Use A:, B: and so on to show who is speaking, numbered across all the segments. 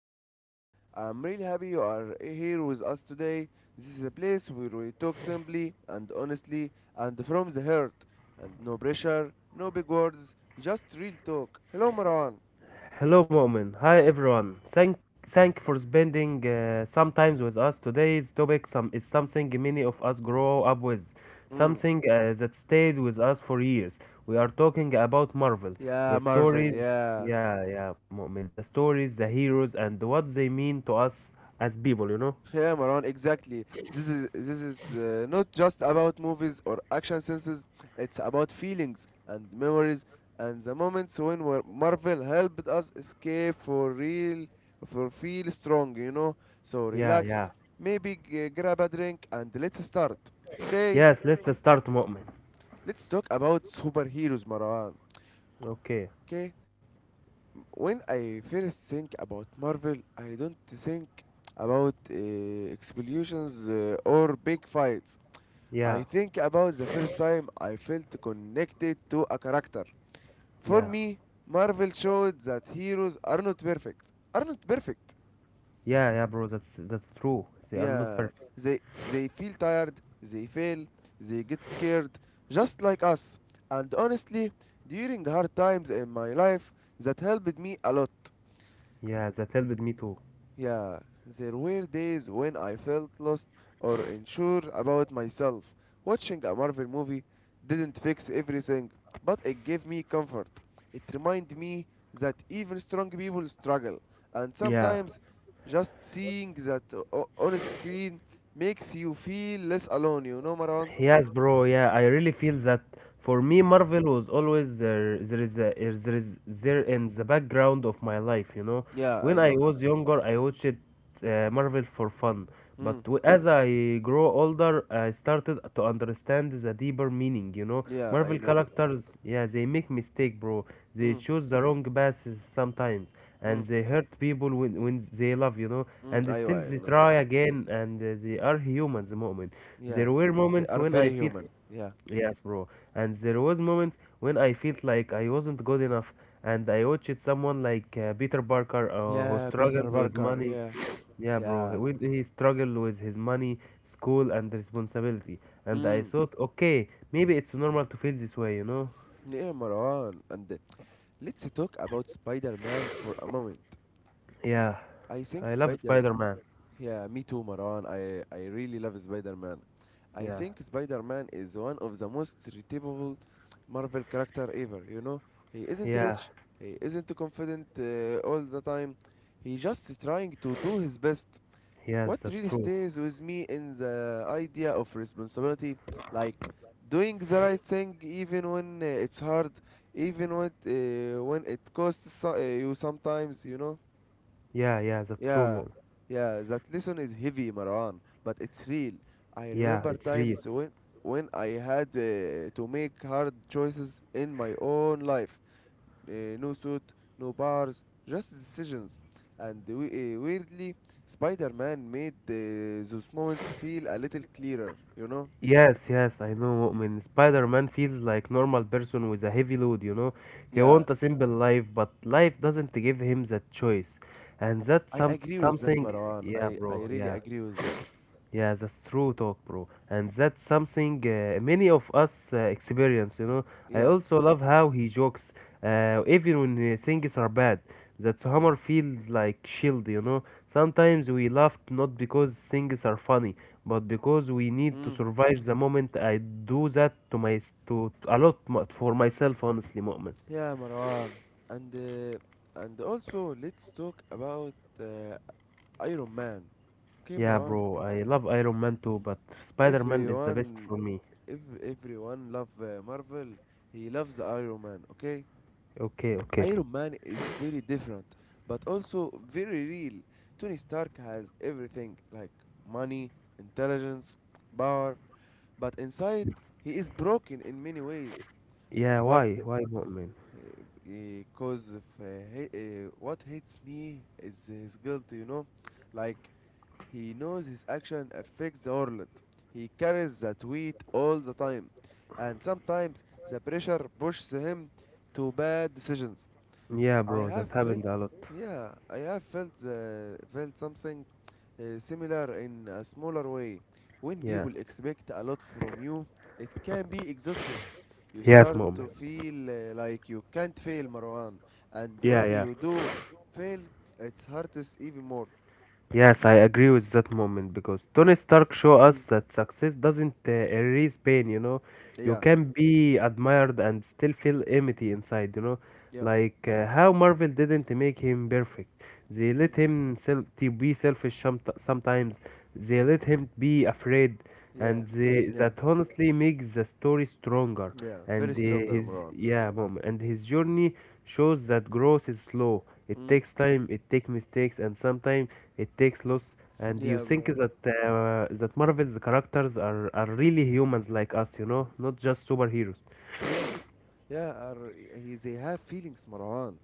A: I am Mu'min. I'm really happy you are here with us today. This is a place where we talk simply and honestly and from the heart and no pressure, no big words, just real talk. Hello Marwan.
B: Hello, Mo'min. Hi, everyone. Thank for spending some time with us. Today's topic is something many of us grow up with,
A: Mm.
B: something that stayed with us for years. We are talking about Marvel,
A: Yeah,
B: the
A: Marvel,
B: stories,
A: yeah.
B: yeah, yeah, Mo'min, the stories, the heroes, and what they mean to us as people, you know?
A: Yeah, Maran, exactly. This is not just about movies or action senses. It's about feelings and memories and the moments when Marvel helped us escape for real, for feel strong. You know, so
B: Yeah,
A: relax.
B: yeah.
A: Maybe grab a drink and let's start. Okay,
B: Yes, let's start, Mo'min.
A: let's talk about superheroes, Maran.
B: Okay.
A: Okay, when I first think about Marvel, I don't think about explosions or big fights. I
B: Yeah,
A: think about the first time I felt connected to a character. For
B: yeah.
A: me, Marvel showed that heroes are not perfect. Are not perfect.
B: Yeah, yeah, bro, that's true. They are not
A: Yeah,
B: perfect.
A: they feel tired, they fail, they get scared, just like us. And honestly, during hard times in my life, that helped me a lot.
B: Yeah, that helped me too.
A: Yeah, there were days when I felt lost or unsure about myself. Watching a Marvel movie didn't fix everything, but it gave me comfort. It reminded me that even strong people struggle, and
B: Yeah.
A: sometimes just seeing that on screen makes you feel less alone, you know, Marwan?
B: Yes, bro. Yeah, I really feel that for
A: Mm.
B: me, Marvel was always there. There is there in the background of my life. You know,
A: Yeah,
B: when
A: I
B: I
A: know.
B: was younger, I watched Marvel for fun.
A: Mm,
B: But as I grow older, I started to understand the deeper meaning. You know,
A: yeah, I
B: Marvel
A: know that.
B: characters, yeah, they make mistake, bro, they
A: Mm,
B: choose the wrong paths sometimes
A: mm,
B: and they hurt people when they love, you know,
A: mm,
B: and still
A: أيوة, I
B: they
A: know that.
B: try again and they are humans, moment.
A: Yeah,
B: There were
A: they
B: moments
A: are
B: when I
A: very
B: felt,
A: human. Yeah.
B: yes, bro, and there was moments when I felt like I wasn't good enough and I watched someone like Peter Parker, who
A: Yeah, Peter
B: struggles with
A: Parker.
B: money.
A: Yeah,
B: Yeah, bro. He,
A: yeah.
B: with- he struggled with his money, school, and responsibility. And I
A: Mm.
B: thought, okay, maybe it's normal to feel this way, you know?
A: Yeah, Marwan. And let's talk about Spider-Man for a moment.
B: Yeah,
A: I think
B: I love
A: Spider.
B: Spider-Man.
A: Yeah, me too, Marwan. I really love Spider-Man. I
B: Yeah,
A: think Spider-Man is one of the most relatable Marvel character ever. You know, he isn't
B: yeah,
A: rich. He isn't confident all the time. He just trying to do his best.
B: yes,
A: What
B: that's
A: really
B: true.
A: stays with me in the idea of responsibility, like doing the right thing even when it's hard, even when when it costs you sometimes, you know.
B: Yeah, yeah, that's true,
A: Yeah,
B: mom.
A: yeah, that lesson is heavy, Marwan, but it's real. I
B: Yeah,
A: remember
B: it's real.
A: times when I had to make hard choices in my own life. No suit, no bars, just decisions. And we, weirdly, Spider-Man made those moments feel a little clearer, you know?
B: Yes, yes, I know. When Spider-Man feels like normal person with a heavy load, you know, he
A: Yeah,
B: want a simple life, but life doesn't give him that choice, and that's
A: I agree with that,
B: something.
A: Marwan.
B: Yeah,
A: I
B: bro.
A: really
B: Yeah.
A: agree with that.
B: Yeah, that's true talk, bro. And that's something many of us experience, you know. I
A: Yeah.
B: also love how he jokes, even when things are bad. That humor feels like shield, you know. Sometimes we laugh not because things are funny, but because we need to
A: Mm.
B: survive the moment. I do that to my to a lot for myself, honestly, moment.
A: Yeah, Marwan. And uh, and also let's talk about uh, Iron Man. Okay,
B: Yeah,
A: Marwan.
B: bro. I love Iron Man too, but Spider-Man is the best
A: Everyone,
B: for me.
A: if everyone love Marvel, he loves Iron Man. Okay,
B: Okay, okay.
A: Iron Man is very different, but also very real. Tony Stark has everything like money, intelligence, power, but inside he is broken in many ways.
B: Yeah,
A: What
B: why? Why, Mu'min?
A: because if he- what hates me is his guilt, you know, like he knows his action affects the world, he carries that weight all the time, and sometimes the pressure pushes him to bad decisions.
B: Yeah,
A: I
B: bro, that
A: have felt,
B: happened a lot.
A: yeah, I have felt felt something similar in a smaller way. When
B: Yeah.
A: people expect a lot from you, it can be exhausting. You
B: Yes,
A: start to
B: moment.
A: feel like you can't fail, Marwan, and
B: Yeah,
A: when
B: yeah.
A: you do fail, it's hurts even more.
B: Yes, I agree with that moment because Tony Stark show us
A: Mm.
B: that success doesn't erase pain, you know. You
A: Yeah,
B: can be admired and still feel empty inside, you know.
A: yeah.
B: Like how Marvel didn't make him perfect. They let
A: Mm.
B: him to be selfish some sometimes. They let him be afraid
A: Yeah,
B: and they,
A: yeah,
B: that honestly makes the story stronger.
A: yeah.
B: And
A: Very
B: the-
A: stronger,
B: his
A: Marwan.
B: yeah, mom, and his journey shows that growth is slow, it
A: Mm.
B: takes time, it takes mistakes, and sometimes it takes loss. And you
A: Yeah,
B: think
A: Marwan.
B: that that Marvel's characters are really humans like us, you know, not just superheroes.
A: Yeah, yeah. Are, he, they have feelings, Marwan.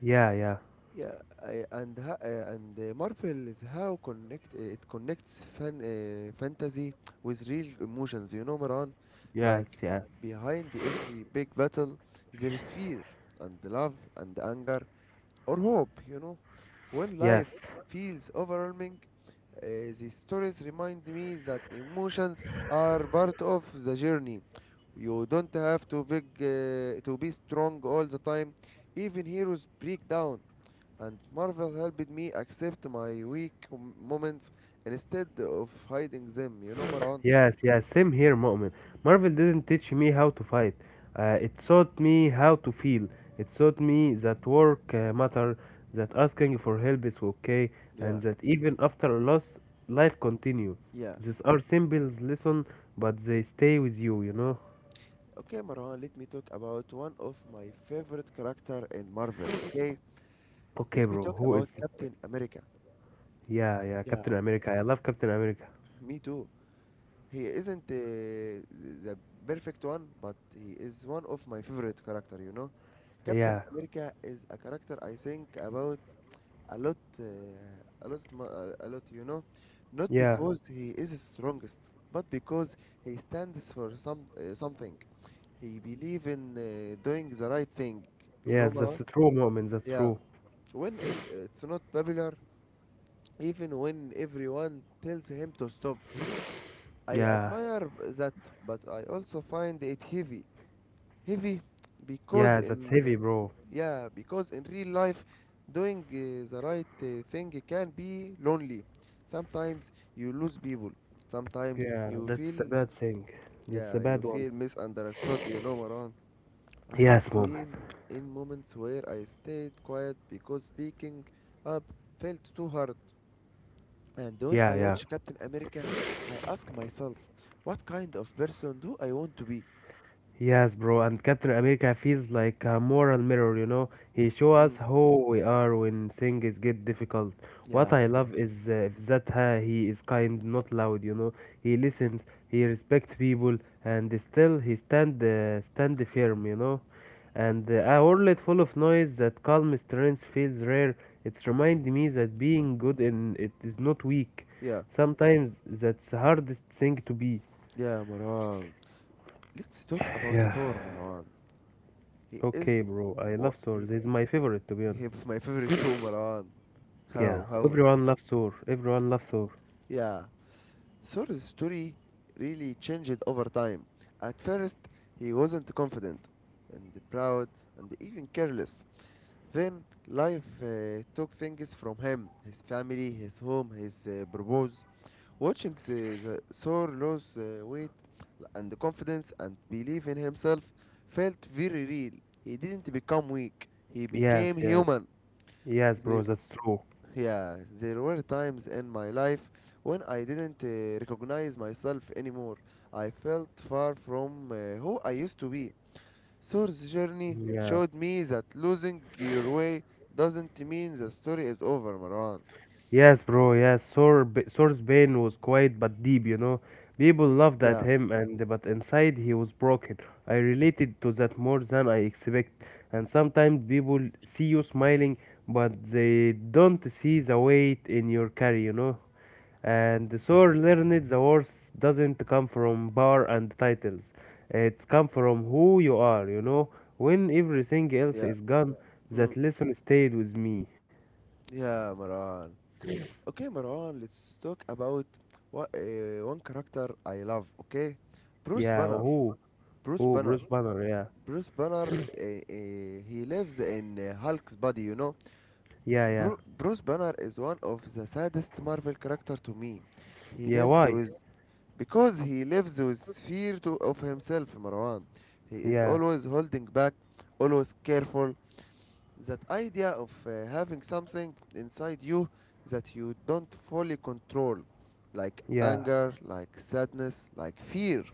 B: Yeah, yeah,
A: Yeah, I, and ha, and Marvel is how connect it connects fantasy with real emotions. You know, Maran,
B: yes,
A: like
B: yes,
A: behind every big battle, there is fear and love and anger or hope. You know, when life
B: yes.
A: feels overwhelming, uh, these stories remind me that emotions are part of the journey. You don't have to big to be strong all the time. Even heroes break down and Marvel helped me accept my weak moments instead of hiding them, you know, Marwan?
B: Yes, yes, same here, Mu'min. Marvel didn't teach me how to fight. It taught me how to feel. It taught me that work matter, that asking for help is okay, and
A: Yeah,
B: that even after a loss, life continue.
A: yeah.
B: These are simple lessons, but they stay with you, you know?
A: Okay, Marwan, let me talk about one of my favorite character in Marvel, okay?
B: Okay,
A: Let me
B: bro,
A: talk
B: who
A: about
B: is it?
A: Captain America.
B: Yeah, yeah,
A: Yeah,
B: Captain America. I love Captain America.
A: me too. He isn't the perfect one, but he is one of my favorite character, you know? Captain
B: Yeah,
A: America is a character I think about a lot, a lot. You know, not
B: yeah,
A: because he is strongest, but because he stands for something. He believe in doing the right thing. You
B: yeah,
A: know,
B: that's
A: Marwan?
B: true, Mu'min, that's
A: Yeah.
B: true.
A: When it's not popular, even when everyone tells him to stop, I
B: Yeah,
A: admire that, but I also find it heavy heavy because
B: yeah, that's
A: in
B: heavy, bro.
A: yeah because in real life doing the right thing can be lonely, sometimes you lose people, sometimes
B: Yeah,
A: you
B: that's a
A: feel,
B: bad thing. That's a
A: yeah, you
B: bad one.
A: feel misunderstood, you know, Maran. I have
B: Yes, mom.
A: been in moments where I stayed quiet because speaking up felt too hard, and when
B: Yeah,
A: I
B: yeah.
A: watch Captain America I ask myself what kind of person do I want to be.
B: Yes, bro, and Captain America feels like a moral mirror, you know. He show us
A: Mm.
B: who we are when things get difficult. What
A: Yeah,
B: I love is that he is kind, not loud, you know. He listens, he respects people, and still he stand firm, you know. And a world full of noise, that calm strength feels rare. It's remind me that being good in it is not weak.
A: yeah.
B: Sometimes that's hardest thing to be.
A: Yeah, Maran. Let's talk about
B: Yeah.
A: Thor, Marwan. He
B: Okay,
A: is
B: bro, I
A: wa-
B: love Thor.
A: he,
B: This is my favorite, to be
A: he
B: honest.
A: is my favorite too, Marwan.
B: Yeah,
A: How,
B: everyone loves Thor. Everyone loves Thor.
A: yeah. Thor's story really changed over time. At first he wasn't confident and proud and even careless. Then life took things from him, his family, his home, his purpose. Watching the Thor lose weight and confidence and belief in himself felt very real. He didn't become weak, he became
B: Yes, yes,
A: human.
B: yes, bro,
A: There,
B: that's true.
A: yeah, there were times in my life when I didn't recognize myself anymore. I felt far from who I used to be. Thor's journey
B: Yeah,
A: showed me that losing your way doesn't mean the story is over, Maran.
B: yes, bro, yes. Thor's pain was quiet but deep, you know. People laughed at
A: Yeah,
B: him, and but inside he was broken. I related to that more than I expect. And sometimes people see you smiling, but they don't see the weight in your carry, you know. And so learned the words doesn't come from power and titles. It comes from who you are, you know. When everything else
A: yeah,
B: is gone,
A: mm,
B: that lesson stayed with me.
A: yeah, Maran. Okay, Marwan, let's talk about what, one character I love, okay? Bruce
B: Yeah,
A: Banner.
B: who?
A: Bruce
B: Who?
A: Banner.
B: Bruce Banner, yeah.
A: Bruce Banner, he lives in Hulk's body, you know?
B: Yeah, yeah.
A: Bruce Banner is one of the saddest Marvel character to me. He
B: Yeah,
A: lives
B: why?
A: with. Because he lives with fear to, of himself, Marwan. He is
B: Yeah,
A: always holding back, always careful, that idea of having something inside you that you don't fully control, like
B: yeah.
A: anger, like sadness, like fear.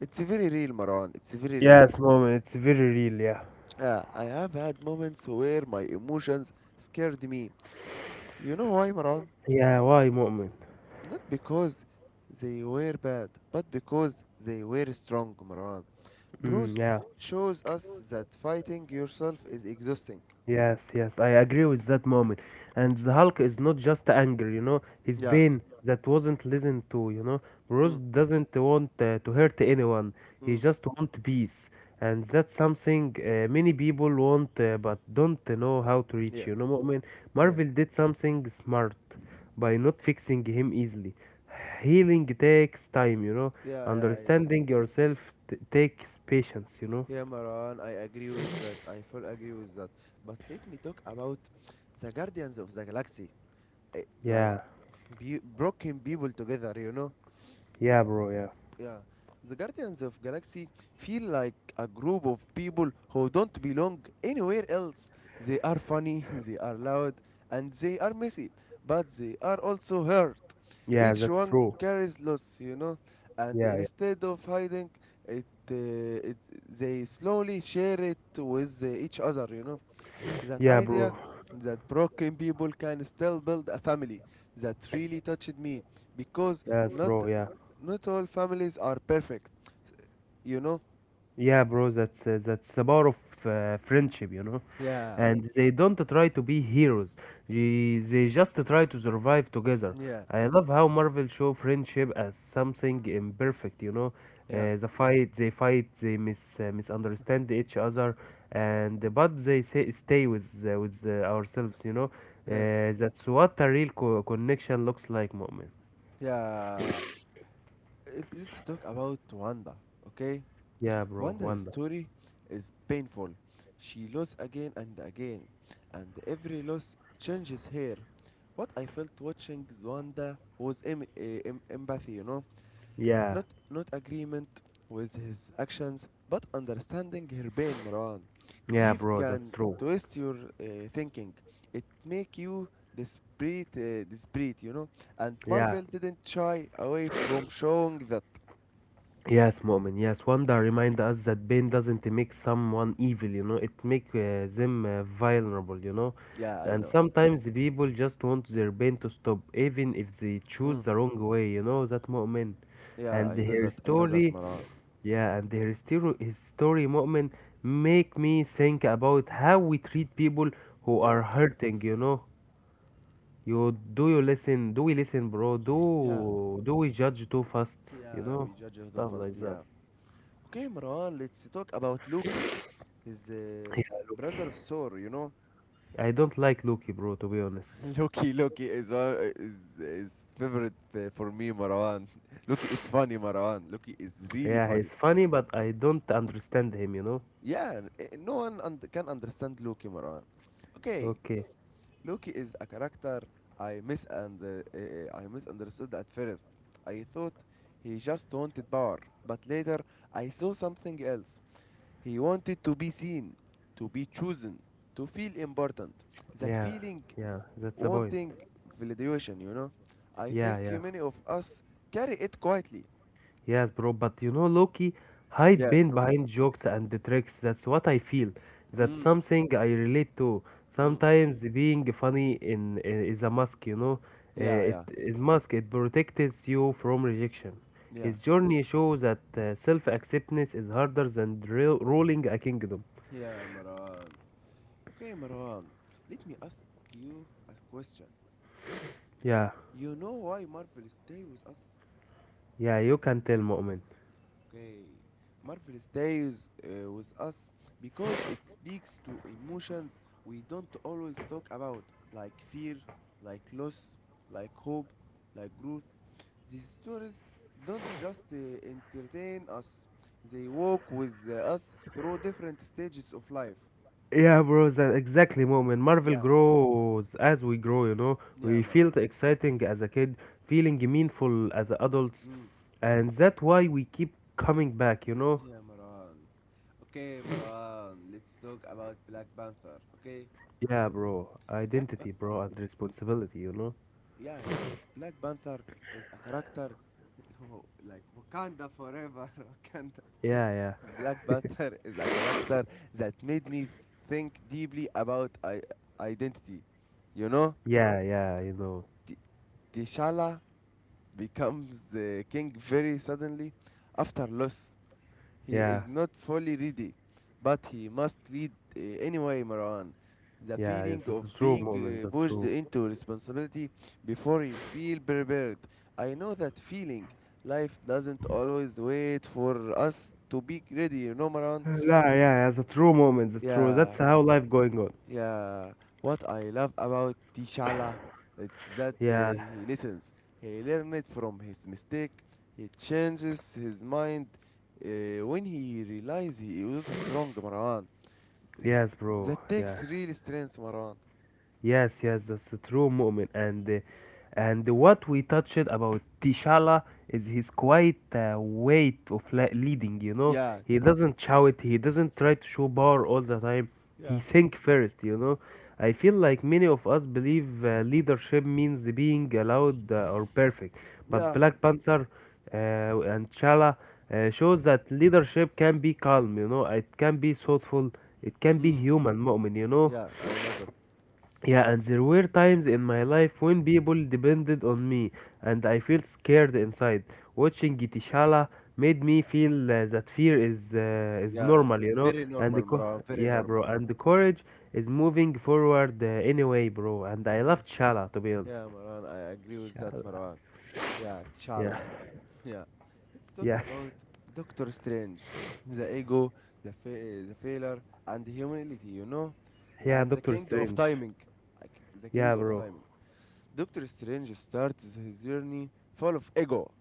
A: It's very real, Marwan. It's very real.
B: Yes, moment. It's very real. Yeah.
A: Yeah, I have had moments where my emotions scared me. You know why, Marwan?
B: Yeah, why, moment?
A: Not because they were bad, but because they were strong, Marwan.
B: Mm,
A: Bruce
B: yeah.
A: shows us that fighting yourself is exhausting.
B: Yes, yes, I agree with that moment. And the Hulk is not just anger, you know, his
A: Yeah.
B: pain that wasn't listened to, you know. Bruce
A: Mm,
B: doesn't want to hurt anyone, he
A: mm,
B: just wants peace. And that's something many people want but don't know how to reach,
A: yeah.
B: you know. Mu'min,
A: Yeah.
B: Marvel did something smart by not fixing him easily. Healing takes time, you know.
A: Yeah, yeah, I know.
B: Understanding yourself takes patience, you know.
A: Yeah, Maran, I agree with that. I full agree with that. But let me talk about the Guardians of the Galaxy. Eh, like
B: Yeah,
A: broken people together, you know.
B: yeah, bro, yeah.
A: Yeah, the guardians of galaxy feel like a group of people who don't belong anywhere else. They are funny, they are loud, and they are messy, but they are also hurt.
B: Yeah,
A: Each
B: that's
A: one
B: true.
A: carries loss, you know, and
B: Yeah, yeah,
A: instead of hiding it, uh, it, they slowly share it with each other, you know. That
B: yeah,
A: idea
B: bro.
A: that broken people can still build a family, that really touched me, because
B: Yes,
A: not
B: bro. Yeah,
A: not all families are perfect, you know.
B: yeah, bro. That's the power of friendship, you know.
A: Yeah,
B: And they don't try to be heroes. They just try to survive together.
A: yeah,
B: I love how Marvel show friendship as something imperfect, you know.
A: yeah,
B: The fight, they misunderstand each other, and but they say, stay with ourselves, you know.
A: yeah,
B: That's what a real co connection looks like, moment.
A: yeah. It, let's talk about Wanda, okay.
B: Yeah, bro.
A: Wanda's
B: Wonder.
A: story is painful. She lost again and again, and every loss changes her. What I felt watching Wanda was empathy, you know,
B: Yeah.
A: not agreement with his actions, but understanding her pain, Marwan.
B: Yeah,
A: Grief
B: bro, that's
A: can
B: true.
A: twist your thinking. It make you desperate, desperate, you know. And
B: Yeah.
A: Marvel didn't shy away from showing that.
B: Yes, Mu'min. Yes, Wanda remind us that pain doesn't make someone evil, you know. It make them vulnerable, you know.
A: Yeah, I
B: And
A: know.
B: sometimes the people just want their pain to stop, even if they choose
A: Mm.
B: the wrong way, you know, that Mu'min.
A: Yeah,
B: And
A: I know
B: her
A: that. I know that,
B: story,
A: Marwan.
B: yeah, and story, his story, Mu'min, make me think about how we treat people who
A: Yeah,
B: are hurting, you know. You listen? Do we listen, bro?
A: yeah,
B: Do we judge too fast? You
A: yeah.
B: know,
A: We judge her too
B: stuff
A: fast.
B: like that.
A: Yeah. Okay, Marwan. Let's talk about Loki, his
B: Yeah, Loki.
A: brother of Thor. You know,
B: I don't like Loki, bro. To be honest.
A: Loki, Loki is one is favorite for me, Marwan. Loki is funny, Marwan. Loki is really
B: Yeah, he's
A: funny.
B: funny, but I don't understand him. You know.
A: Yeah, no one und can understand Loki, Marwan. Okay,
B: Okay.
A: Loki is a character I misunderstood at first. I thought he just wanted power, but later I saw something else. He wanted to be seen, to be chosen, to feel important. That
B: Yeah.
A: feeling,
B: Yeah. That's the point.
A: wanting validation, you know. I
B: Yeah.
A: think
B: Yeah.
A: many of us carry it quietly.
B: Yes, bro, but you know, Loki hide
A: Yeah.
B: Ben behind jokes and the tricks. That's what I feel. That's
A: Mm,
B: something I relate to.
A: mm.
B: Sometimes being funny in is a mask, you know.
A: Yeah,
B: It
A: yeah,
B: is mask. It protects you from rejection.
A: yeah.
B: His journey shows that self-acceptance is harder than ruling a kingdom.
A: Yeah, Marwan. Okay, Marwan. Let me ask you a question.
B: Yeah,
A: You know why Marvel stay with us?
B: yeah, you can tell, Mu'min.
A: Okay. Marvel stays with us because it speaks to emotions we don't always talk about, like fear, like loss, like hope, like growth. These stories don't just entertain us, they walk with us through different stages of life.
B: Yeah, bro, that exactly moment. Marvel
A: Yeah,
B: grows as we grow, you know. We
A: yeah, Maran.
B: felt exciting as a kid, feeling meaningful as adults,
A: Mm.
B: and that's why we keep coming back, you know.
A: Yeah, Maran. Okay, Maran, let's talk about Black Panther, okay?
B: Yeah, bro,
A: Black pa-
B: identity, bro, and responsibility, you know.
A: yeah, yeah. Black Panther is a character who- like Wakanda forever. Wakanda.
B: Yeah, yeah,
A: Black Panther is a character that made me think deeply about identity. You know,
B: yeah, yeah, you know.
A: T- T'Challa becomes the king very suddenly after loss. He
B: Yeah,
A: is not fully ready, but he must lead anyway, Marwan. The
B: yeah,
A: feeling
B: it's a
A: of
B: true
A: being
B: moment, that's
A: pushed
B: true.
A: into responsibility before you feel prepared. I know that feeling. Life doesn't always wait for us to be ready, you know, Marwan?
B: Yeah, yeah, yeah, it's a true moment, that's true. That's
A: Yeah.
B: how life going on.
A: Yeah, what I love about Tishala is that
B: Yeah,
A: he listens. He learns from his mistake. He changes his mind when he realizes he was a strong, Marwan.
B: yes, bro,
A: That
B: yeah.
A: takes real strength, Marwan.
B: Yes, yes, that's a true moment. And what we touched about Tishala is his quiet weight of leading. You know,
A: Yeah,
B: he doesn't shout. He doesn't try to show power all the time. He
A: yeah,
B: think first. You know, I feel like many of us believe leadership means being loud or perfect, but
A: yeah.
B: Black Panther and T'Challa shows that leadership can be calm. You know, it can be thoughtful. It can be
A: Mm.
B: human, moment. You know.
A: Yeah, I know that.
B: Yeah, and there were times in my life when people depended on me, and I felt scared inside. Watching Tishala made me feel that fear is
A: Yeah,
B: normal, you know.
A: very
B: And
A: normal, Marwan. Very
B: yeah, bro,
A: normal.
B: and the courage is moving forward anyway, bro. And I
A: Yeah,
B: loved Shala, to be
A: yeah,
B: honest.
A: Marwan. I agree with that,
B: Shala.
A: Marwan. Yeah,
B: Yeah.
A: Tishala. Yeah, let's talk
B: Yes.
A: about Doctor Strange, the ego, the failure, and humility. You know,
B: Yeah,
A: and the
B: Doctor
A: king of
B: Strange.
A: timing. Like, the
B: Yeah,
A: king of
B: bro.
A: timing. Doctor Strange starts his journey full of ego,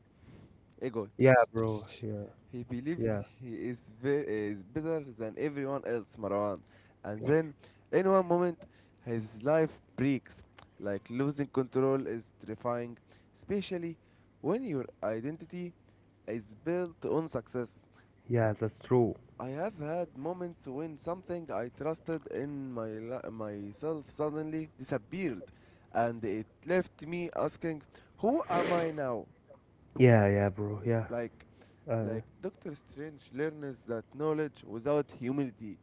A: ego.
B: Yeah, bro. Yeah,
A: He believes
B: yeah,
A: he is is better than everyone else, Marwan. And then, in one moment, his life breaks. Like losing control is terrifying, especially when your identity is built on success.
B: yeah. That's true.
A: I have had moments when something I trusted in myself suddenly disappeared, and it left me asking, "Who am I now?"
B: Yeah, yeah, bro. Yeah.
A: Like,
B: Uh,
A: like, Doctor Strange learns that knowledge without humility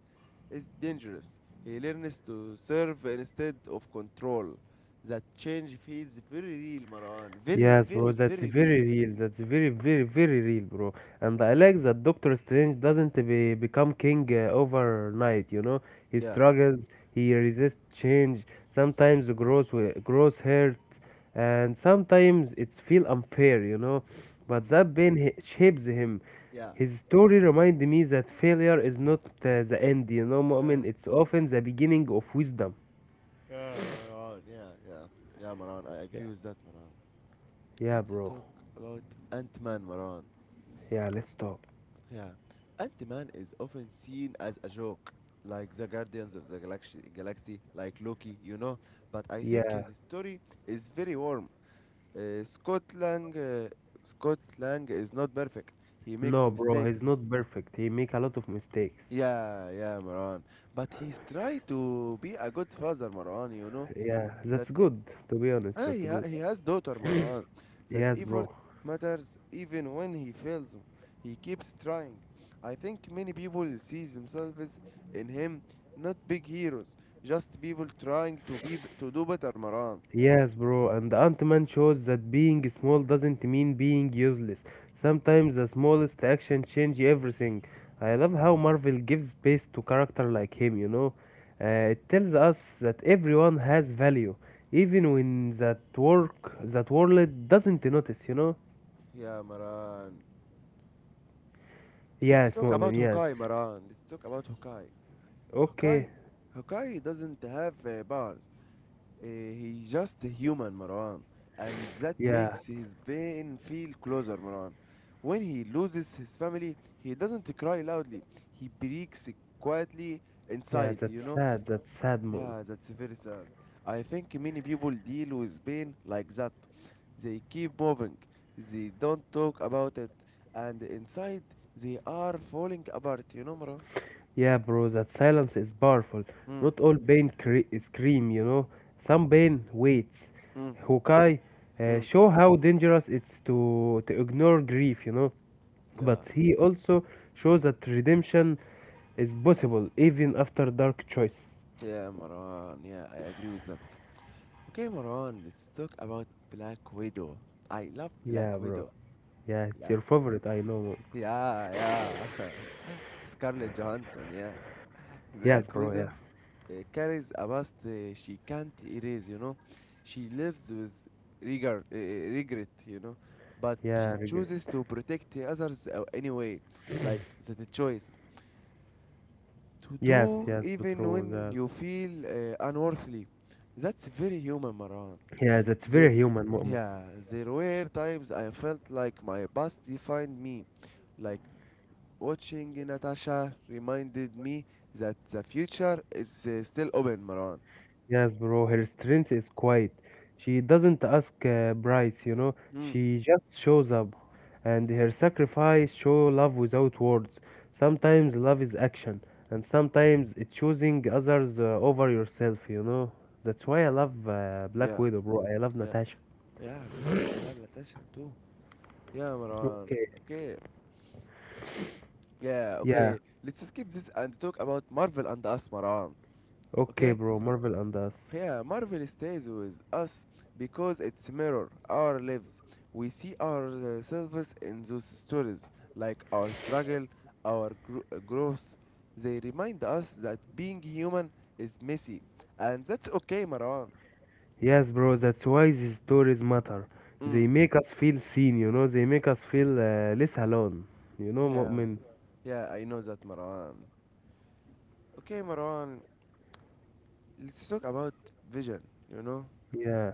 A: is dangerous. He learns to serve instead of control. That change feels very real, Marwan. Very,
B: yes, bro,
A: very,
B: that's
A: very real.
B: very real. That's very, very, very real, bro. And I like that Doctor Strange doesn't become king overnight, you know? He
A: Yeah.
B: struggles, he resists change, sometimes grows hurt, and sometimes it's feel unfair, you know? But
A: Mm,
B: that pain shapes him.
A: yeah.
B: His story reminds me that failure is not the end, you know,
A: Yeah,
B: Mu'min? It's often the beginning of wisdom.
A: Yeah, Maran. Yeah, yeah. Yeah, Maran. I
B: Yeah.
A: agree with that, Maran.
B: Yeah,
A: Let's
B: bro.
A: talk about Ant-Man, Maran.
B: Yeah, let's stop.
A: Yeah. Ant-Man is often seen as a joke, like the Guardians of the Galaxy, like Loki, you know. But I think
B: Yeah.
A: his story is very warm. Uh, Scott Lang, uh, Scott Lang is not perfect. He makes
B: No, bro, he's
A: mistakes.
B: not perfect. He make a lot of mistakes.
A: Yeah, yeah, Maran. But he's try to be a good father, Maran, you know.
B: Yeah,
A: That
B: that's
A: eh,
B: good. To be honest,
A: Ah,
B: that's
A: he, ha-
B: good.
A: he has daughter Marwan. That
B: Yes,
A: effort
B: bro.
A: matters even when he fails. He keeps trying. I think many people see themselves in him, not big heroes, just people trying to do better, Maran.
B: Yes, bro. And Ant-Man shows that being small doesn't mean being useless. Sometimes the smallest action change everything. I love how Marvel gives space to character like him. You know, it tells us that everyone has value, even when that work that world doesn't notice. You know.
A: Yeah, Maran. Let's
B: Yes,
A: talk
B: moment.
A: about
B: Yes.
A: Hokai, Maran. Let's talk about Hokai.
B: Okay.
A: Hokai, Hokai doesn't have bars. He's just a human, Marwan, and that
B: Yeah.
A: makes his pain feel closer, Marwan. When he loses his family, he doesn't cry loudly. He breaks quietly
B: Yeah,
A: inside, you
B: that's
A: know?
B: sad. That's sad, mom.
A: Yeah, that's very sad. I think many people deal with pain like that. They keep moving, they don't talk about it, and inside they are falling apart, you know, Marwan?
B: Yeah, bro, that silence is powerful.
A: Mm,
B: Not all pain scream, you know. Some pain waits.
A: mm,
B: Hokai
A: mm.
B: show how dangerous it's to ignore grief, you know.
A: Yeah,
B: But he also shows that redemption is possible even after dark choices.
A: yeah, Marwan, yeah, I agree with that. Okay, Moran, let's talk about Black Widow. I love
B: Yeah,
A: Black
B: bro.
A: Widow.
B: Yeah, it's
A: Black.
B: your favorite, I know, mom.
A: Yeah, yeah. Scarlett Johansson, yeah.
B: Yes,
A: Black
B: bro. Yeah.
A: Widow carries a past she can't erase, you know. She lives with regret, you know. But she
B: Yeah, I agree.
A: chooses to protect the others anyway. Like, that's a choice. To
B: Yes,
A: do
B: yes, but
A: even
B: true.
A: when
B: That.
A: you feel unworthy. That's very human, Maran.
B: Yeah, that's
A: There,
B: very human, mom.
A: yeah, there were times I felt like my past defined me, like watching Natasha reminded me that the future is still open, Maran.
B: Yes, bro, her strength is quiet. She doesn't ask Bryce, you know,
A: Hmm.
B: she just shows up. And her sacrifice show love without words. Sometimes love is action, and sometimes it's choosing others over yourself, you know. That's why I love Black
A: Yeah,
B: Widow, bro. I love
A: yeah,
B: Natasha.
A: yeah. Me too. I love Natasha too. Yeah, Maran.
B: Okay.
A: Okay. Yeah,
B: Yeah.
A: okay. Let's skip this and talk about Marvel and us, Maran.
B: Okay,
A: Okay.
B: bro. Marvel and us.
A: Yeah, Marvel stays with us because it's mirror our lives. We see ourselves in those stories, like our struggle, our growth. They remind us that being human is messy, and that's okay, Marwan.
B: Yes, bro. That's why these stories matter. They
A: Mm,
B: make us feel seen, you know. They make us feel less alone. You know,
A: yeah,
B: Mu'min.
A: yeah, I know that, Marwan. Okay, Marwan, let's talk about vision. You know,
B: Yeah.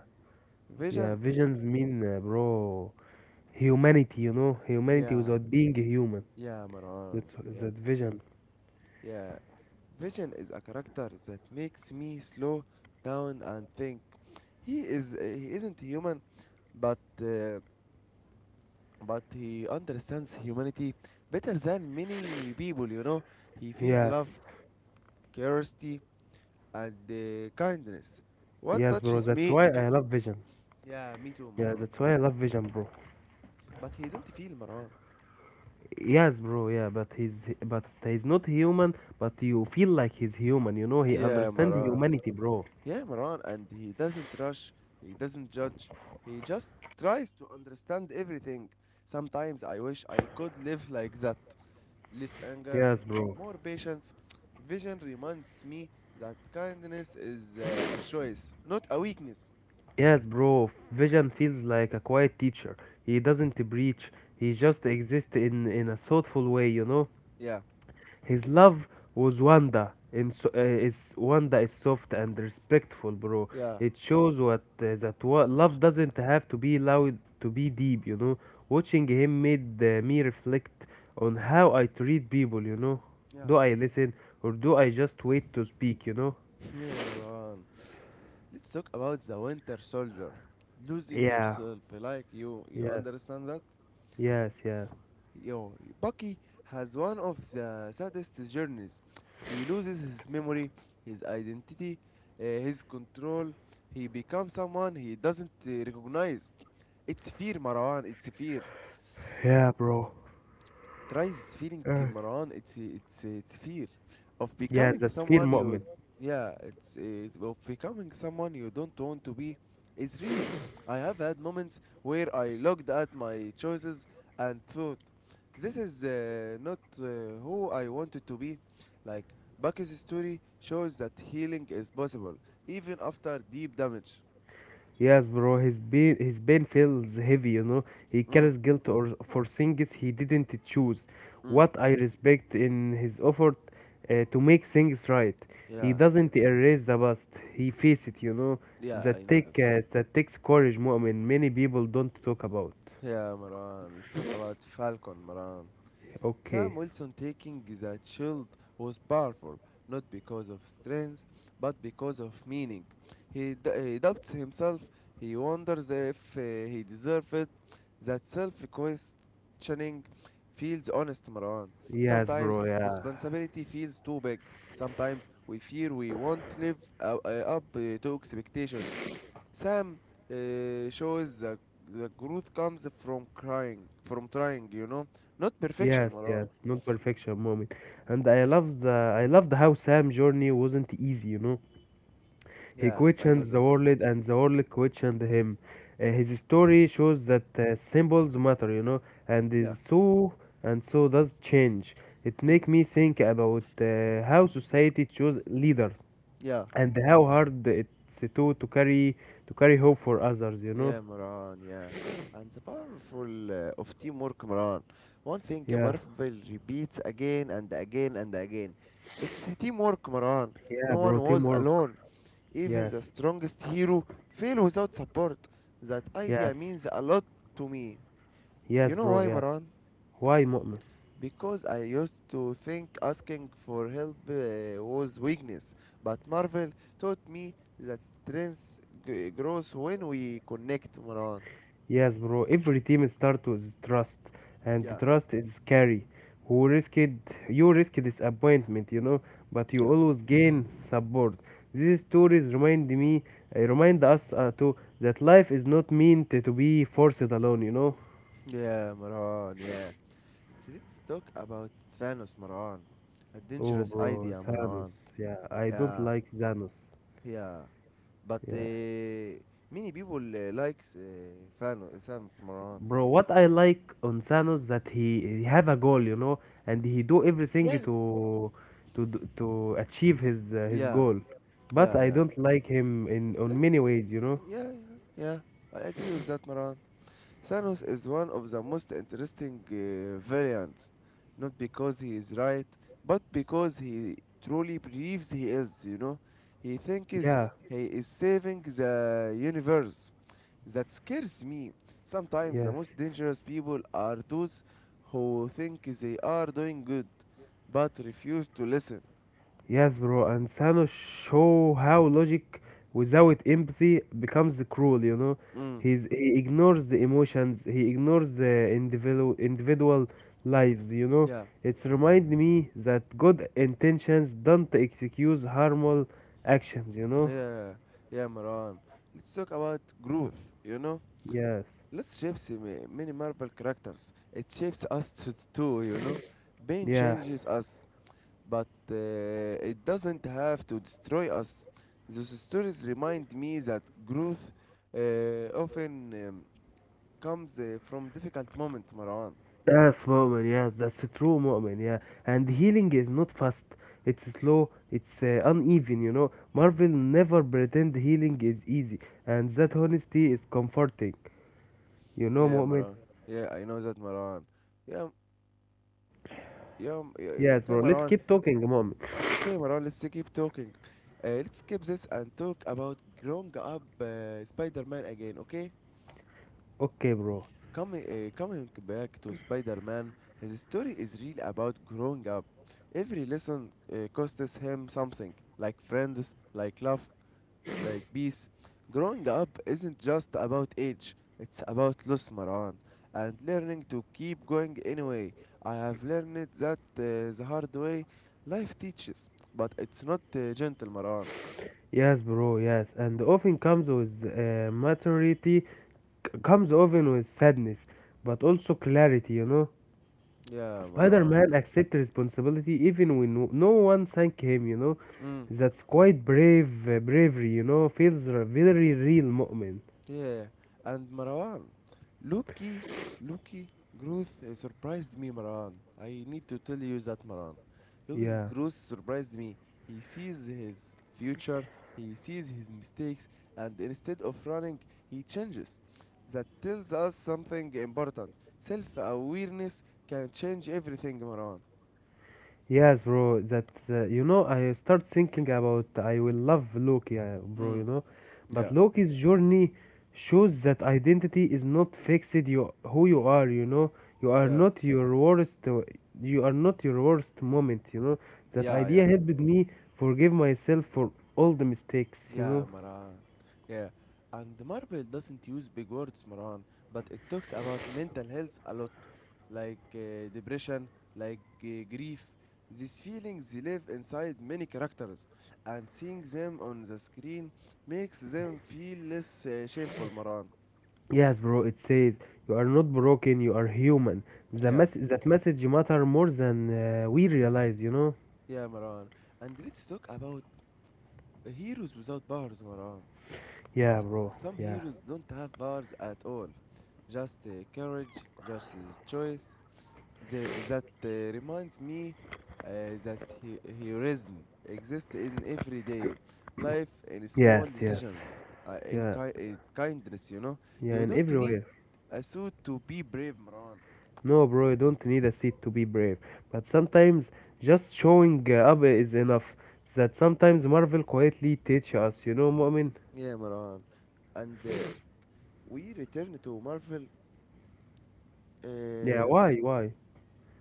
B: Yeah,
A: vision.
B: visions mean, bro, humanity, you know, humanity
A: Yeah,
B: without being human.
A: yeah, Marwan.
B: That's
A: Yeah,
B: that vision.
A: yeah. Vision is a character that makes me slow down and think. He isn't human, but uh, but he understands humanity better than many people. You know, he feels love,
B: Yes,
A: curiosity, and kindness. What
B: yes, bro.
A: touches
B: That's
A: me?
B: why I love vision.
A: Yeah, me too,
B: Yeah,
A: Maran.
B: that's
A: Me
B: why I
A: too.
B: love vision, bro.
A: But he don't feel Maran.
B: Yes, bro. Yeah, but he's not human. But you feel like he's human. You know, he
A: Yeah,
B: understands
A: Maran.
B: humanity, bro.
A: Yeah, Maran, and he doesn't rush, he doesn't judge, he just tries to understand everything. Sometimes I wish I could live like that. Less anger,
B: Yes, bro.
A: more patience. Vision reminds me that kindness is a choice, not a weakness.
B: Yes, bro. Vision feels like a quiet teacher. He doesn't preach. He just exists in a thoughtful way. You know.
A: Yeah,
B: His love was wonder, is wonder is soft and respectful, bro.
A: yeah,
B: It shows what that what love doesn't have to be loud to be deep. You know, watching him made me reflect on how I treat people. You know,
A: yeah.
B: do I listen or do I just wait to speak? You know?
A: Yeah, Maran. Let's talk about the Winter Soldier. Losing
B: Yeah.
A: yourself like you
B: Yeah.
A: understand that?
B: Yes. Yeah.
A: Yo, Bucky has one of the saddest journeys. He loses his memory, his identity, his control. He becomes someone he doesn't recognize. It's fear, Marwan. It's fear
B: Yeah, bro.
A: tries feeling,
B: Uh,
A: Marwan. It's fear of
B: yes,
A: becoming
B: that's fear
A: someone you,
B: moment.
A: yeah, of becoming someone you don't want to be is real. I have had moments where I looked at my choices and thought this is not who I wanted to be. Like Bucky's story shows that healing is possible even after deep damage.
B: Yes, bro, his pain feels heavy, you know. He
A: Mm,
B: carries guilt or for things he didn't choose.
A: mm.
B: What I respect in his effort to make things right. He
A: Yeah,
B: doesn't erase the past. He faces it, you know.
A: yeah, I
B: That
A: know that.
B: take uh, that takes courage, Mu'min. Many people don't talk about.
A: Yeah, Maran. Let's talk about Falcon, Maran. Sam
B: Okay.
A: Wilson taking that shield was powerful, not because of strength, but because of meaning. He doubts himself, he wonders if he deserves it. That self questioning feels honest, Marwan.
B: Yes,
A: Sometimes
B: bro. Yeah.
A: responsibility feels too big. Sometimes we fear we won't live up to expectations. Sam shows that the growth comes from crying, from trying, you know, not perfection,
B: Yes,
A: Marwan.
B: yes. Not perfection, Mu'min. And I loved how Sam journey wasn't easy, you know. He
A: Yeah, I
B: questioned
A: know
B: the
A: that.
B: world and the world questioned him. His story shows that symbols matter, you know, and
A: Yeah.
B: is so and so does change. It
A: Mm.
B: make me think about how society choose leaders
A: Yeah.
B: and how hard it's to carry to carry hope for others, you know.
A: Yeah, Moran. Yeah. And the powerful of teamwork, Moran. One thing
B: Yeah,
A: Marvel repeats again and again and again. It's teamwork, Moran.
B: yeah,
A: No
B: bro,
A: one was
B: teamwork.
A: alone. Even the
B: Yes,
A: strongest hero failed without support. That idea
B: yes,
A: means a lot to me. You
B: yes,
A: know
B: bro.
A: why,
B: Yeah.
A: Moran?
B: Why, Mu'min?
A: Because I used to think asking for help was weakness, but Marvel taught me that strength grows when we connect, Marwan.
B: Yes, bro. Every team starts with trust, and the
A: Yeah,
B: trust is scary. Who risked You risk disappointment, you know, but you
A: yeah,
B: always gain support. These stories remind me, remind us too that life is not meant to be forced alone, you know.
A: yeah, Marwan, yeah. So let's talk about Thanos, Marwan. A
B: Oh,
A: dangerous
B: bro,
A: idea,
B: Thanos.
A: Marwan.
B: Yeah, I don't
A: Yeah,
B: like Thanos.
A: yeah. But
B: Yeah.
A: many people like Thanos, Marwan.
B: Bro, what I like on Thanos that he have a goal, you know, and he do everything
A: Yeah,
B: to achieve his
A: yeah,
B: goal. But
A: yeah,
B: I
A: yeah.
B: don't like him in
A: Uh,
B: on many ways, you know.
A: Yeah, yeah, yeah. I agree with that, Maran. Thanos is one of the most interesting villains, not because he is right, but because he truly believes he is, you know. He thinks
B: Yeah,
A: he is saving the universe. That scares me. Sometimes the
B: yes.
A: most dangerous people are those who think they are doing good, but refuse to listen.
B: Yes, bro, and Thanos show how logic without empathy becomes cruel, you know.
A: Mm.
B: He ignores the emotions, he ignores the individual lives, you know.
A: Yeah,
B: It's remind me that good intentions don't excuse harmful actions, you know.
A: yeah, yeah, Maran. Let's talk about growth, you know.
B: Yes.
A: Let's shapes many Marvel characters. It shapes us too, you know. Pain
B: Yeah.
A: changes us, but it doesn't have to destroy us. Those stories remind me that growth often comes from difficult moment, Marwan.
B: Yes, Mu'min, yes, that's true, Mu'min, yeah. And healing is not fast, it's slow, it's uneven, you know. Marvel never pretend healing is easy, and that honesty is comforting, you know,
A: Yeah,
B: Mu'min?
A: Marwan. Yeah, I know that, Marwan. Yeah, yeah, yeah, yeah,
B: Yes,
A: okay,
B: bro, let's
A: Marwan.
B: keep talking, Mu'min.
A: Okay, Marwan, let's keep talking. Let's skip this and talk about growing up Spider-Man again, okay?
B: Okay, bro.
A: Coming back to Spider Man, his story is really about growing up. Every lesson costs him something, like friends, like love, like peace. Growing up isn't just about age, it's about loss, Maran, and learning to keep going anyway. I have learned that the hard way life teaches, but it's not gentle, Maran.
B: Yes, bro, yes. And often comes with maturity, comes often with sadness, but also clarity, you know.
A: Yeah, Maran.
B: Spider-Man accepted responsibility even when no one thanked him, you know.
A: Mm.
B: That's quite bravery, you know. Feels a very real moment.
A: Yeah, and Marwan, Lucky, Lucky Growth surprised me, Marwan. I need to tell you that, Marwan. Lucky
B: Yeah.
A: Growth surprised me. He sees his future, he sees his mistakes, and instead of running, he changes. That tells us something important. Self awareness can change everything, Marwan.
B: Yes, bro. That you know, I start thinking about I will love Loki, bro. You
A: Mm,
B: know, but
A: yeah,
B: Loki's journey shows that identity is not fixed. You who you are. You know, you are
A: yeah,
B: not your worst. You are not your worst moment. You know, that
A: yeah, yeah.
B: idea helped me forgive myself for all the mistakes. You
A: Yeah,
B: know.
A: Maran. Yeah. And Marvel doesn't use big words, Maran, but it talks about mental health a lot, like depression, like grief. These feelings they live inside many characters, and seeing them on the screen makes them feel less shameful, Maran.
B: Yes, bro. It says you are not broken. You are human. The
A: Yeah,
B: message matter more than we realize. You know.
A: yeah, Maran. And let's talk about heroes without powers, Maran.
B: Yeah,
A: S-
B: bro.
A: some
B: Yeah.
A: heroes don't have powers at all, just courage, just choice. That reminds me that heroism exists in everyday life in small
B: Yes. Yes.
A: decisions, in
B: Yeah,
A: in kindness, you know.
B: yeah,
A: You
B: and
A: don't need
B: everywhere.
A: a suit to be brave, Maran.
B: No, bro, you don't need a seat to be brave. But sometimes just showing up is enough. That sometimes Marvel quietly teach us, you know, Mu'min?
A: Yeah, Maran. And we return to Marvel.
B: Yeah,
A: Uh,
B: why, why?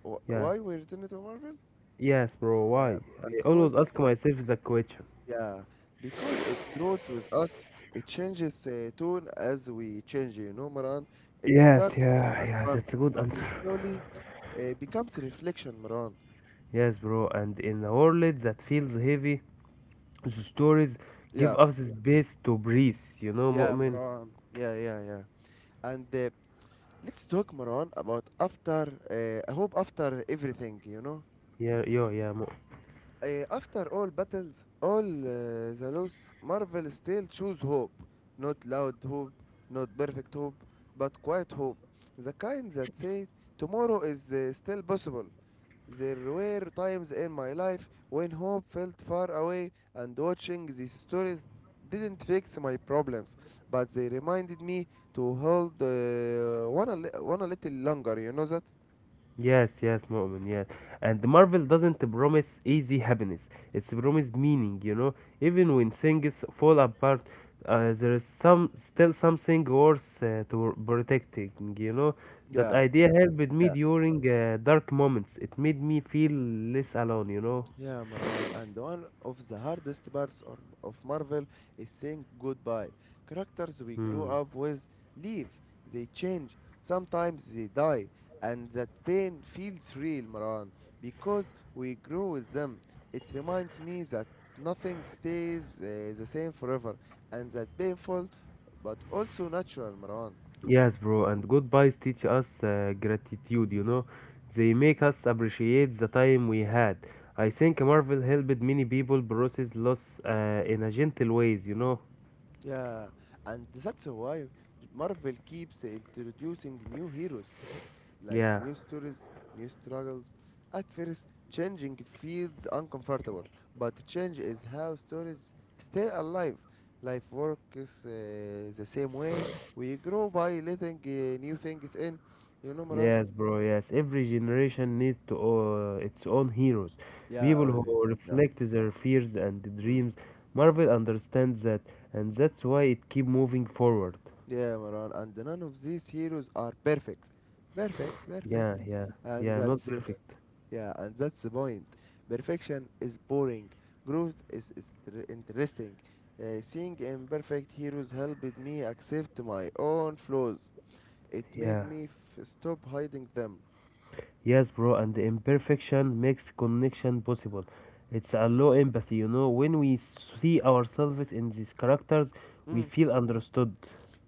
B: Yeah,
A: why we return to Marvel?
B: yes, bro,
A: Yeah,
B: why? I always
A: because
B: ask myself that question.
A: Yeah, because it grows with us. It changes tone as we change, you know, Maran. It
B: Yes,
A: starts
B: yeah,
A: as
B: yeah,
A: fun
B: that's a good answer.
A: and slowly becomes reflection, Maran.
B: Yes, bro, and in a world that feels heavy, the stories give
A: Yeah,
B: us space to breathe, you know,
A: yeah,
B: Mu'min?
A: Maran. Yeah, yeah, yeah. And let's talk, Maran, about after, I hope after everything, you know.
B: Yeah, yo, yeah, Mu'min.
A: After all battles, all the loss, Marvel still choose hope. Not loud hope, not perfect hope, but quiet hope. The kind that says tomorrow is still possible. There were times in my life when hope felt far away, and watching these stories didn't fix my problems, but they reminded me to hold one, a little longer. You know that?
B: Yes, yes, Mu'min, yes. And Marvel doesn't promise easy happiness. It's promise meaning, you know. Even when things fall apart, there is some still something worth to protecting, you know. That
A: Yeah.
B: idea helped me during dark moments. It made me feel less alone, you know.
A: Yeah, Marwan, and one of the hardest parts of Marvel is saying goodbye. Characters we grew
B: Hmm.
A: up with leave, they change, sometimes they die, and that pain feels real, Marwan, because we grew with them. It reminds me that nothing stays the same forever, and that painful but also natural, Marwan.
B: Yes, bro, and goodbyes teach us gratitude, you know. They make us appreciate the time we had. I think Marvel helped many people process loss in a gentle ways, you know.
A: Yeah, and that's why Marvel keeps introducing new heroes like
B: Yeah,
A: new stories, new struggles. At first, changing feels uncomfortable, but change is how stories stay alive. Life works the same way. We grow by letting new things in. You know, Maran?
B: yes, bro, yes. Every generation needs to its own heroes,
A: Yeah,
B: people
A: oh, yeah.
B: who
A: Yeah.
B: reflect their fears and
A: Mm.
B: dreams. Marvel understands that, and that's why it keep moving forward.
A: Yeah, Maran. And none of these heroes are perfect. Perfect, perfect.
B: Yeah, yeah,
A: And
B: yeah, not
A: that's.
B: perfect.
A: Yeah, and that's the point. Perfection is boring. Growth is tr- interesting. Seeing imperfect heroes helped me accept my own flaws. It made
B: Yeah.
A: me f- stop hiding them.
B: Yes, bro, and the imperfection makes connection possible. It's a low empathy, you know. When we see ourselves in these characters, we
A: Mm.
B: feel understood.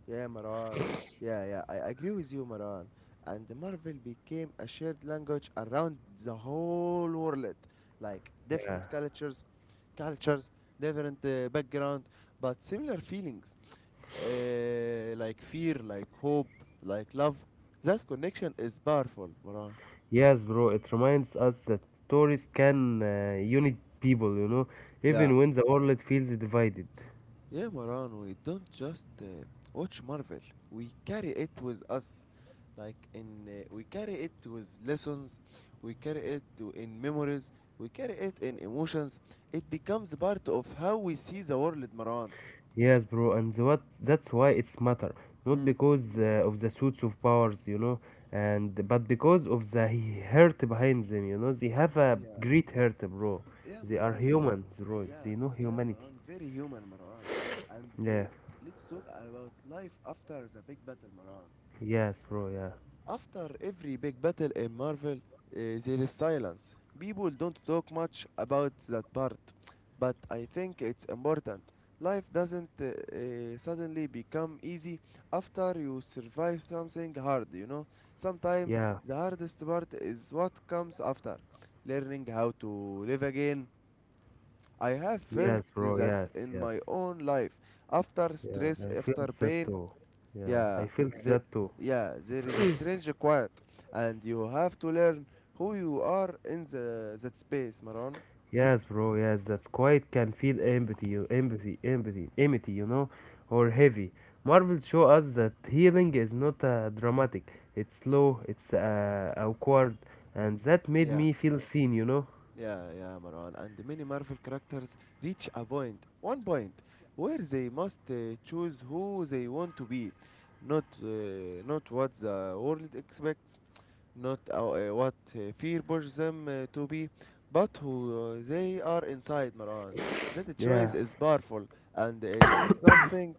A: Yeah, Maran. Yeah, yeah, I agree with you, Maran. And Marvel became a shared language around the whole world. Like
B: Yeah.
A: different cultures, cultures, different background, but similar feelings. Like fear, like hope, like love. That connection is powerful, Maran.
B: Yes, bro, it reminds us that stories can unite people, you know,
A: Yeah.
B: even when the world feels divided.
A: Yeah, Maran, we don't just watch Marvel. We carry it with us. Like in We carry it with lessons, we carry it to in memories, we carry it in emotions. It becomes part of how we see the world, Maran.
B: Yes, bro, and the what that's why it's matter, not
A: Mm.
B: because of the suits of powers, you know, and but because of the hurt behind them, you know, they have a
A: Yeah.
B: great hurt, bro.
A: Yeah,
B: They are
A: Maran, yeah.
B: humans, bro.
A: Yeah,
B: They know
A: yeah,
B: humanity.
A: Marwan. Very human, Marwan. And
B: Yeah,
A: Let's talk about life after the big battle, Marwan.
B: yes, bro. Yeah,
A: After every big battle in Marvel, there is silence. People don't talk much about that part, but I think it's important. Life doesn't suddenly become easy after you survive something hard, you know. Sometimes
B: yeah,
A: the hardest part is what comes after learning how to live again. I have felt
B: yes, bro.
A: that
B: Yes,
A: in
B: yes.
A: my own life. After
B: Yeah,
A: stress,
B: I felt
A: after
B: that
A: pain,
B: too. Yeah, I
A: yeah,
B: felt
A: the,
B: that too.
A: yeah, there is a strange quiet, and you have to learn who you are in the that space, Maron.
B: Yes, bro. Yes, that's quiet can feel empathy, you empathy, empathy, empty, you know, or heavy. Marvel show us that healing is not dramatic. It's slow. It's awkward, and that made
A: Yeah,
B: me feel seen, you know.
A: yeah, yeah, Maran. And many Marvel characters reach a point, one point, where they must choose who they want to be, not uh, not what the world expects, not what fear pushes them to be, but who they are inside, Maran. That
B: Yeah.
A: choice is powerful, and it's something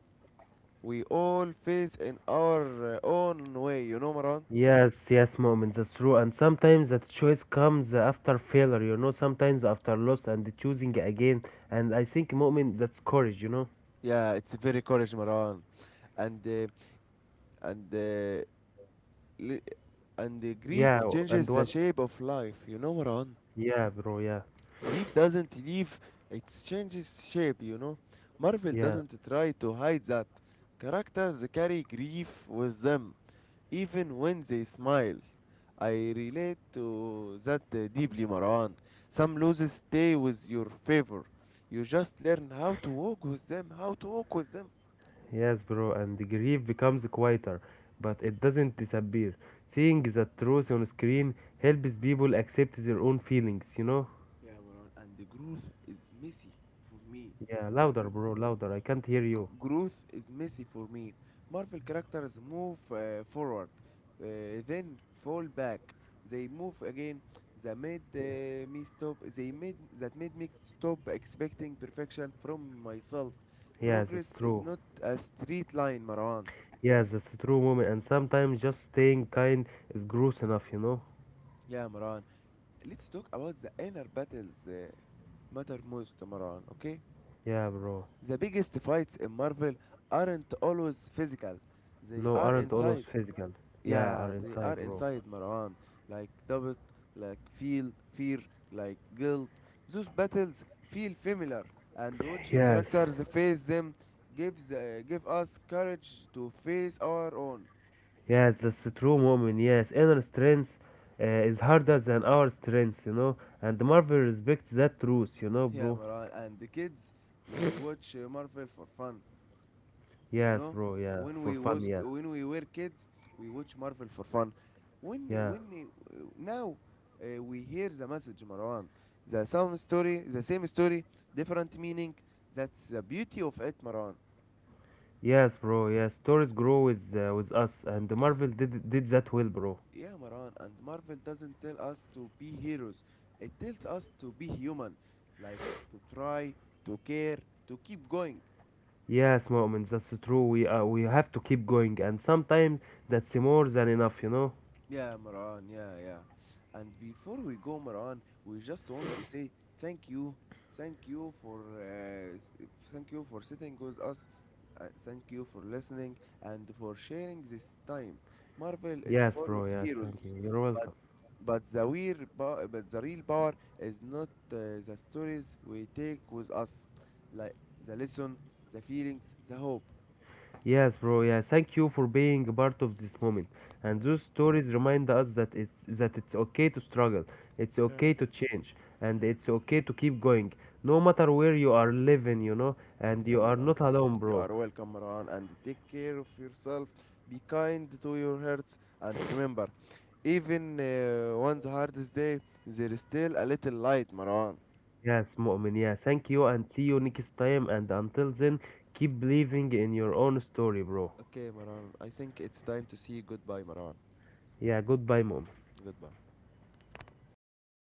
A: we all face in our own way, you know, Maran?
B: Yes, yes, moments. That's true. And sometimes that choice comes after failure, you know. Sometimes after loss and choosing again. And I think moment that's courage, you know.
A: Yeah, it's very courage, Maran. And, uh, and, uh, li- and the grief
B: Yeah. And
A: changes the
B: what?
A: shape of life, you know, Maran?
B: Yeah, bro. Yeah.
A: Grief doesn't leave, it changes shape, you know. Marvel
B: Yeah.
A: doesn't try to hide that. Characters carry grief with them, even when they smile. I relate to that deeply, Marwan. Some losses stay with your favor. You just learn how to walk with them, how to walk with them.
B: Yes, bro, and the grief becomes quieter, but it doesn't disappear. Seeing the truth on screen helps people accept their own feelings, you know?
A: Yeah, Marwan, and the growth is messy for me.
B: Yeah,
A: Marvel
B: louder, bro, louder. I can't hear you.
A: Growth is messy for me. Marvel characters move forward, then fall back. They move again. They made me stop. They made that made me stop expecting perfection from myself.
B: Yes, that's
A: Progress is
B: true.
A: not a straight line, Marwan.
B: Yes, that's a true moment. And sometimes just staying kind is gross enough, you know?
A: Yeah, Marwan. Let's talk about the inner battles matter most, Marwan. Okay.
B: Yeah, bro.
A: The biggest fights in Marvel aren't always physical. They
B: No,
A: are
B: aren't all
A: inside.
B: those physical. Yeah,
A: Yeah,
B: are
A: they are
B: inside, bro.
A: inside Marwan, like doubt, fear, like guilt. Those battles feel familiar, and watching
B: Yes.
A: characters face them give us courage to face our own.
B: Yes, that's true, Mu'min. Yes, inner strength is harder than our strength, you know. And Marvel respects that truth, you know,
A: Yeah,
B: bro.
A: Marwan, and the kids, we watch Marvel for fun, you
B: Yes,
A: know.
B: bro. Yeah,
A: when
B: for
A: we
B: fun.
A: was
B: Yeah,
A: when we were kids, we watch Marvel for fun. when
B: yeah.
A: when uh, now, we hear the message, Marwan, the same story the same story, different meaning. That's the beauty of it, Marwan.
B: Yes, bro. Yeah, stories grow with us, and Marvel did that well, bro.
A: Yeah, Marwan, and Marvel doesn't tell us to be heroes, it tells us to be human. Like, to try, to care, to keep going.
B: Yes, Mu'min. That's true. We have to keep going, and sometimes that's more than enough, you know.
A: Yeah, Maran, yeah, yeah. And before we go, Maran, we just want to say thank you. Thank you for uh, s- Thank you for sitting with us. Thank you for listening and for sharing this time. Marvel is
B: Yes,
A: full
B: bro.
A: of
B: Yes, thank
A: heroes,
B: you. You're
A: but
B: welcome.
A: but the real power is not the stories we take with us, like the lesson, the feelings, the hope.
B: Yes, bro. Yeah, thank you for being a part of this moment. And those stories remind us that it's okay to struggle, it's okay to change, and it's okay to keep going, no matter where you are living, you know. And
A: Yeah,
B: you are
A: Maran.
B: not alone,
A: You
B: bro.
A: are welcome, Maran, and take care of yourself. Be kind to your hearts, and remember, even one's hardest day, there is still a little light, Maran.
B: Yes, Mu'min. Yeah, thank you, and see you next time. And until then, keep believing in your own story, bro.
A: Okay, Maran. I think it's time to say goodbye, Maran.
B: Yeah, goodbye, Mu'min.
A: Goodbye.